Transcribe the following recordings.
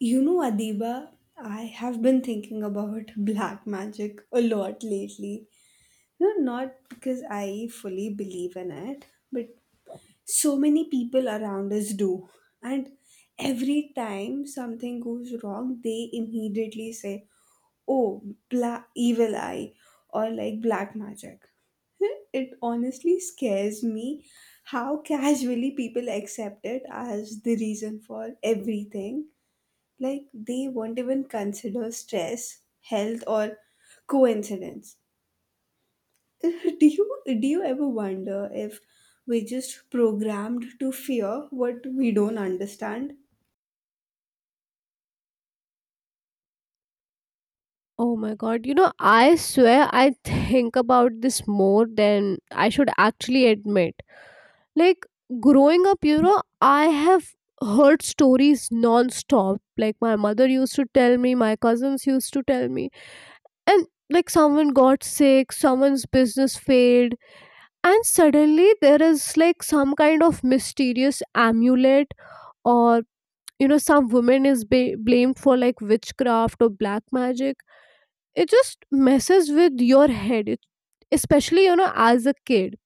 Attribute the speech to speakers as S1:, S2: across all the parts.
S1: You know, Adiba, I have been thinking about black magic a lot lately. You know, not because I fully believe in it, but so many people around us do. And every time something goes wrong, they immediately say, oh, black evil eye, or like black magic. It honestly scares me how casually people accept it as the reason for everything, like they won't even consider stress, health, or coincidence. Do you ever wonder if we're just programmed to fear what we don't understand?
S2: Oh my god, you know, I swear I think about this more than I should actually admit. Like, growing up, you know, I have heard stories non stop. Like, my mother used to tell me, my cousins used to tell me, and like, someone got sick, someone's business failed, and suddenly there is like some kind of mysterious amulet or you know some woman is blamed for like witchcraft or black magic. It just messes with your head, it, especially you know, as a kid.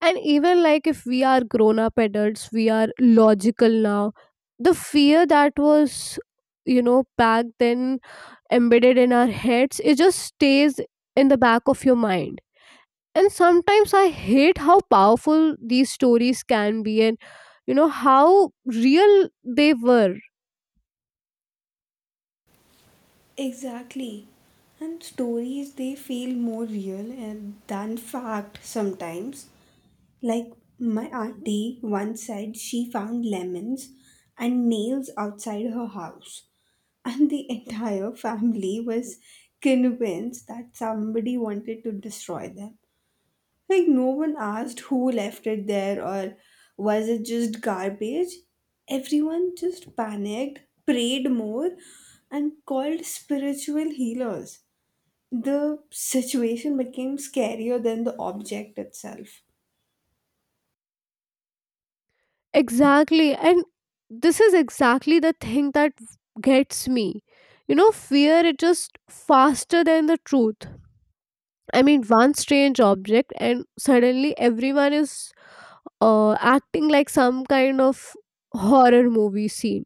S2: And even like if we are grown up adults, we are logical now, the fear that was, you know, back then embedded in our heads, it just stays in the back of your mind. And sometimes I hate how powerful these stories can be, and you know how real they were.
S1: Exactly. And stories, they feel more real and than fact sometimes. Like, my auntie once said, she found lemons and nails outside her house, and the entire family was convinced that somebody wanted to destroy them. Like, no one asked who left it there or was it just garbage. Everyone just panicked, prayed more, and called spiritual healers. The situation became scarier than the object itself.
S2: Exactly. And this is exactly the thing that gets me. You know, fear is just faster than the truth. I mean, one strange object, and suddenly everyone is acting like some kind of horror movie scene.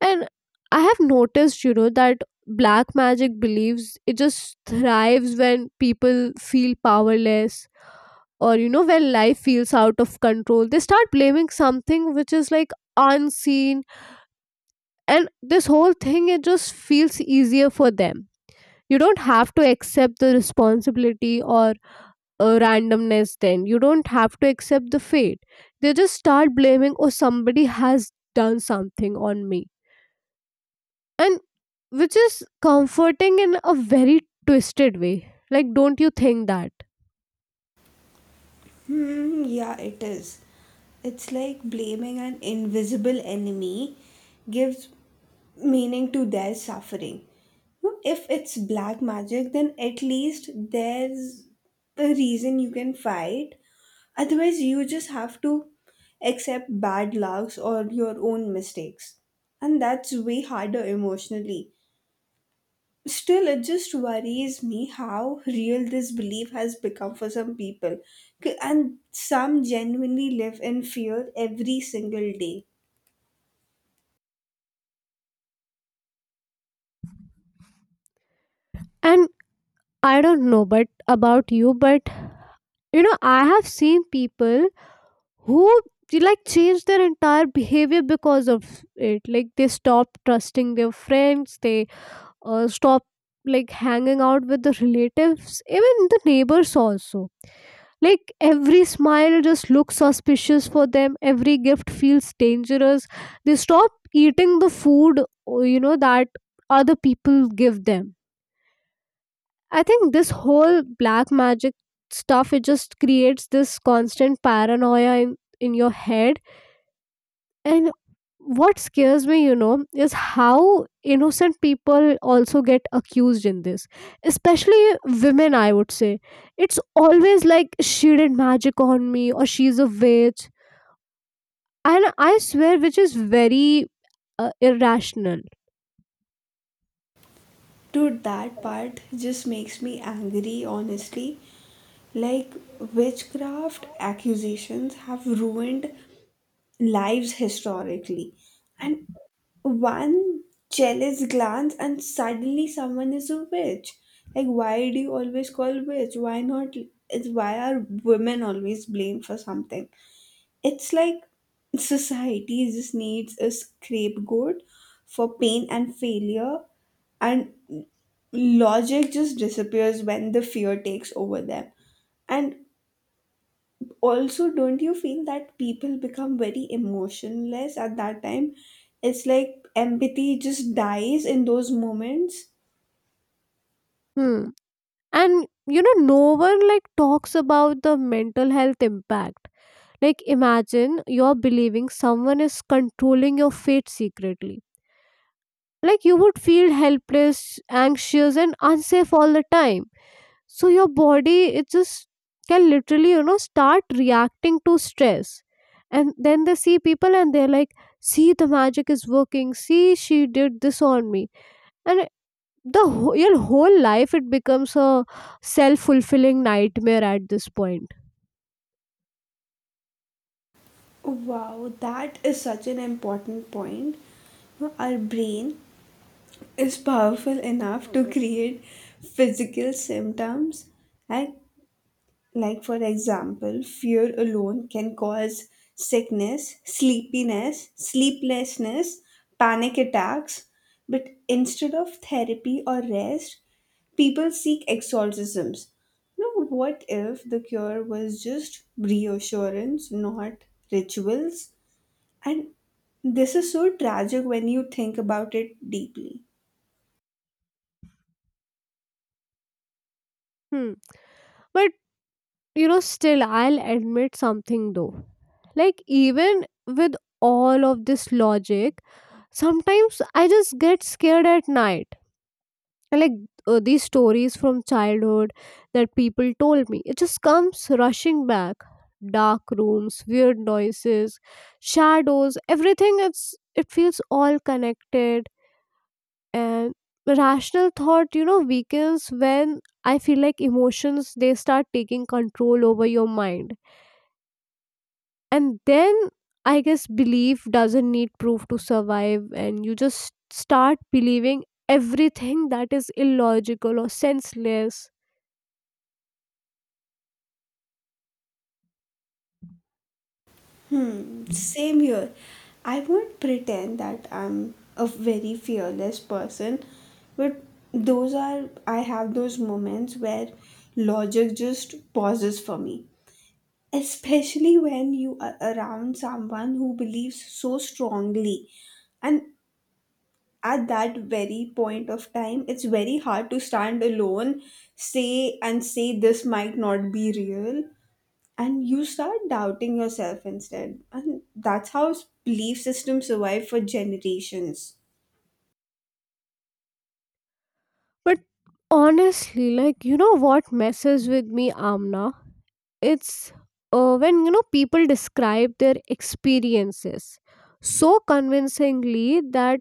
S2: And I have noticed, you know, that black magic believes it just thrives when people feel powerless or, you know, when life feels out of control. They start blaming something which is like unseen, and this whole thing it just feels easier for them. You don't have to accept the responsibility or randomness, then you don't have to accept the fate. They just start blaming, oh, somebody has done something on me. And which is comforting in a very twisted way, like don't you think that.
S1: Yeah, it is. It's like blaming an invisible enemy gives meaning to their suffering. No, if it's black magic, then at least there's a reason you can fight. Otherwise, you just have to accept bad lucks or your own mistakes. And that's way harder emotionally. Still, it just worries me how real this belief has become for some people. And some genuinely live in fear every single day.
S2: And I don't know but about you, but you know I have seen people who like changed their entire behavior because of it. Like they stopped trusting their friends, they stopped like hanging out with the relatives, even the neighbors also. Like every smile just looks suspicious for them, every gift feels dangerous. They stop eating the food, you know, that other people give them. I think this whole black magic stuff it just creates this constant paranoia in your head. And what scares me, you know, is how innocent people also get accused in this, especially women, I would say. It's always like, she did magic on me, or she's a witch. And I swear, which is very irrational.
S1: Dude, that part just makes me angry, honestly. Like, witchcraft accusations have ruined lives historically. And one jealous glance and suddenly someone is a witch. Like, why do you always call witch, why not, it's why are women always blamed for something? It's like society just needs a scapegoat for pain and failure. And logic just disappears when the fear takes over them. And also, don't you feel that people become very emotionless at that time? It's like empathy just dies in those moments.
S2: Hmm. And you know, no one like talks about the mental health impact. Like, imagine you're believing someone is controlling your fate secretly, like you would feel helpless, anxious and unsafe all the time. So your body it just can literally, you know, start reacting to stress. And then they see people and they're like, see, the magic is working, see, she did this on me. And the whole, your whole life it becomes a self-fulfilling nightmare at this point.
S1: Wow, that is such an important point. Our brain is powerful enough to create physical symptoms, and like for example, fear alone can cause sickness, sleepiness, sleeplessness, panic attacks, but instead of therapy or rest, people seek exorcisms. You know, what if the cure was just reassurance, not rituals? And this is so tragic when you think about it deeply.
S2: Hmm. But you know, still I'll admit something though. Like, even with all of this logic, sometimes I just get scared at night. And, like, these stories from childhood that people told me, it just comes rushing back. Dark rooms, weird noises, shadows, everything it's, it feels all connected. And rational thought, you know, weakens when I feel like emotions they start taking control over your mind. And then I guess belief doesn't need proof to survive, and you just start believing everything that is illogical or senseless.
S1: Same here. I won't pretend that I'm a very fearless person, but I have those moments where logic just pauses for me. Especially when you are around someone who believes so strongly, and at that very point of time, it's very hard to stand alone, say this might not be real, and you start doubting yourself instead. And that's how belief systems survive for generations.
S2: But honestly, like, you know what messes with me, Amna? It's when you know people describe their experiences so convincingly that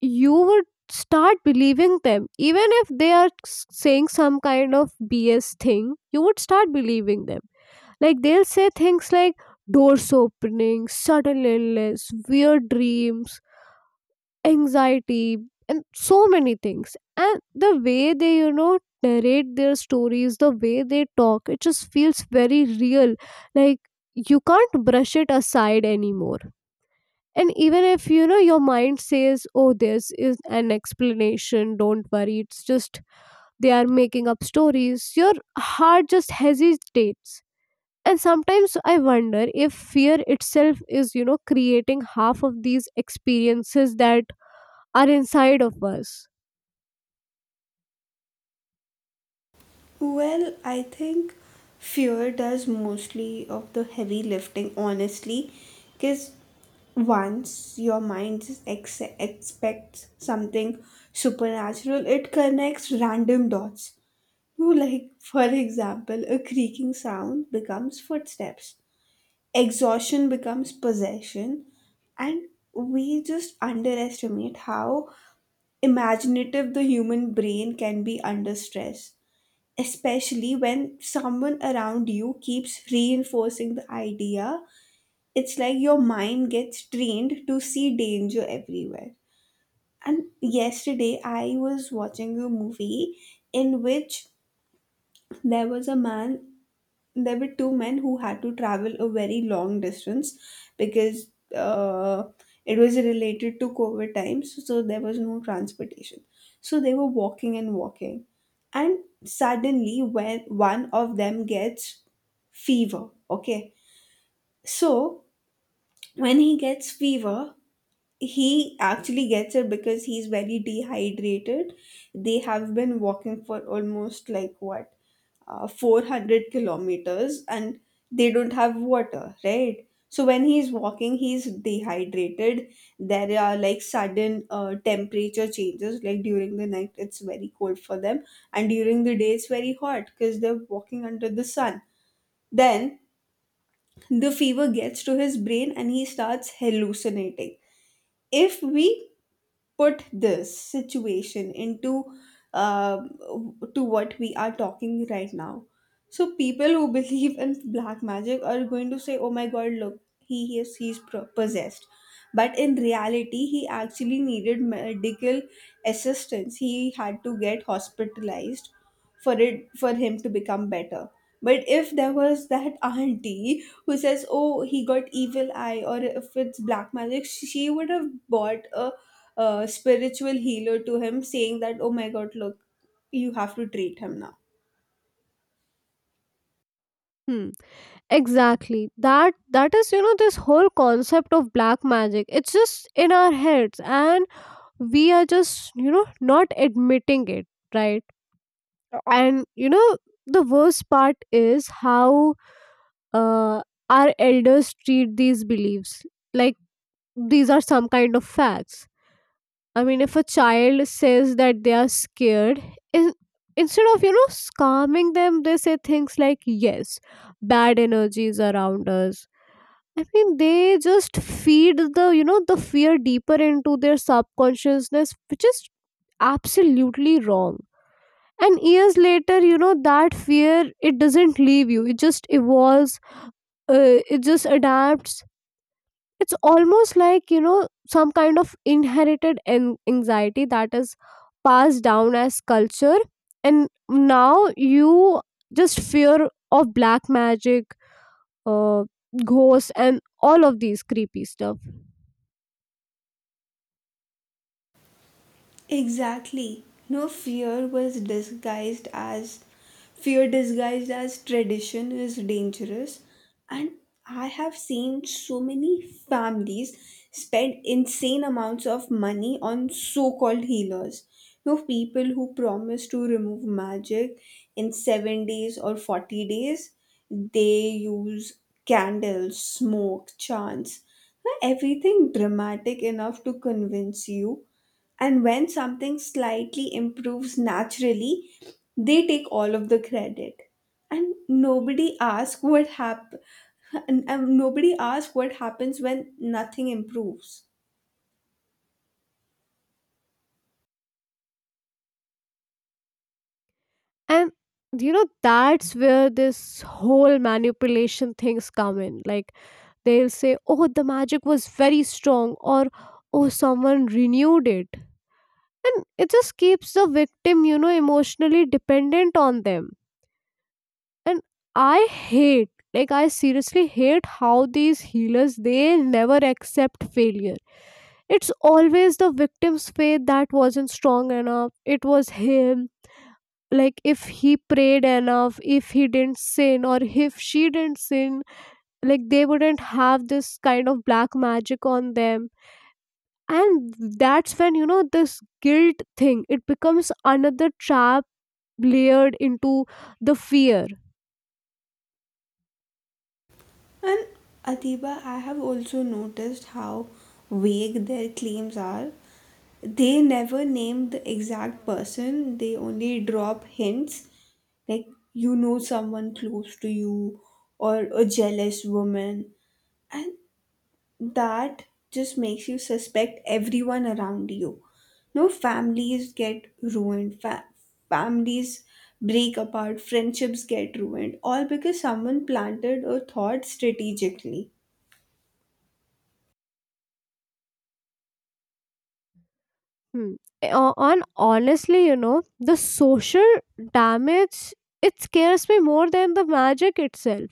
S2: you would start believing them, even if they are saying some kind of BS thing, you would start believing them. Like they'll say things like, doors opening, sudden illness, weird dreams, anxiety, and so many things. And the way they, you know, narrate their stories, the way they talk, it just feels very real. Like, you can't brush it aside anymore. And even if you know your mind says, oh, this is an explanation, don't worry, it's just they are making up stories, your heart just hesitates. And sometimes I wonder if fear itself is, you know, creating half of these experiences that are inside of us.
S1: Well, I think fear does mostly of the heavy lifting, honestly, because once your mind just expects something supernatural, it connects random dots. You like, for example, a creaking sound becomes footsteps, exhaustion becomes possession, and we just underestimate how imaginative the human brain can be under stress, especially when someone around you keeps reinforcing the idea. It's like your mind gets trained to see danger everywhere. And yesterday I was watching a movie in which there was a man, there were two men who had to travel a very long distance, because uh, it was related to COVID times, so there was no transportation. So they were walking and walking, and suddenly, when one of them gets fever, okay, so when he gets fever, he actually gets it because he's very dehydrated. They have been walking for almost like what, 400 kilometers, and they don't have water, right? So when he's walking, he's dehydrated. There are like sudden temperature changes, like during the night, it's very cold for them, and during the day, it's very hot because they're walking under the sun. Then the fever gets to his brain and he starts hallucinating. If we put this situation into uh, to what we are talking right now, so people who believe in black magic are going to say, oh my god, look, he is he's possessed, but in reality he actually needed medical assistance. He had to get hospitalized for it, for him to become better. But if there was that auntie who says, oh, he got evil eye, or if it's black magic, she would have bought a spiritual healer to him saying that, oh my god, look, you have to treat him now.
S2: Hmm, exactly. That is, you know, this whole concept of black magic, it's just in our heads, and we are just, you know, not admitting it, right? And you know, the worst part is how uh, our elders treat these beliefs like these are some kind of facts. I mean, if a child says that they are scared, in, instead of, you know, calming them, they say things like, yes, bad energy is around us. I mean, they just feed the, you know, the fear deeper into their subconsciousness, which is absolutely wrong. And years later, you know, that fear, it doesn't leave you. It just evolves, it just adapts. It's almost like, you know, some kind of inherited anxiety that is passed down as culture. And now you just fear of black magic, uh, ghosts and all of these creepy stuff.
S1: Exactly. No fear was disguised as Fear disguised as tradition is dangerous. And I have seen so many families spend insane amounts of money on so-called healers. No, people who promise to remove magic in 7 days or 40 days, they use candles, smoke, chants, no, everything dramatic enough to convince you. And when something slightly improves naturally, they take all of the credit. And nobody asks what happens when nothing improves.
S2: And you know, that's where this whole manipulation things come in. Like they'll say, oh, the magic was very strong, or, oh, someone renewed it. And it just keeps the victim, you know, emotionally dependent on them. And I hate, like, I seriously hate how these healers they never accept failure. It's always the victim's faith that wasn't strong enough. It was him, like if he prayed enough, if he didn't sin, or if she didn't sin, like they wouldn't have this kind of black magic on them. And that's when, you know, this guilt thing it becomes another trap layered into the fear.
S1: And Atiba, I have also noticed how vague their claims are. They never name the exact person, they only drop hints, like, you know, someone close to you or a jealous woman. And that just makes you suspect everyone around you. No, families get ruined, families break apart, friendships get ruined, all because someone planted a thought strategically.
S2: Hmm. And honestly, you know, the social damage, it scares me more than the magic itself.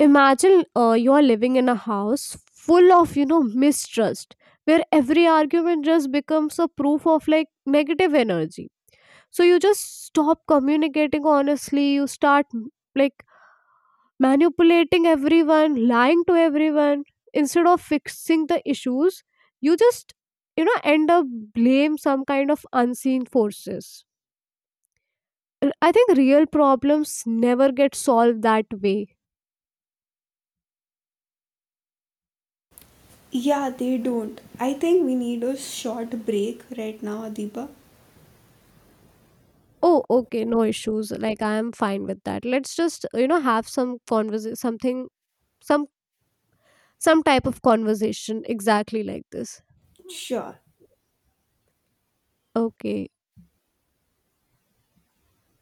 S2: Imagine you're living in a house full of, you know, mistrust, where every argument just becomes a proof of like negative energy. So you just stop communicating honestly, you start like manipulating everyone, lying to everyone. Instead of fixing the issues, you just, you know, end up blame some kind of unseen forces. And I think real problems never get solved that way.
S1: Yeah, they don't. I think we need a short break right now, Adiba.
S2: Oh, okay, no issues. Like, I am fine with that. Let's just, you know, have some conversation, something, some some type of conversation exactly like this.
S1: Sure.
S2: Okay.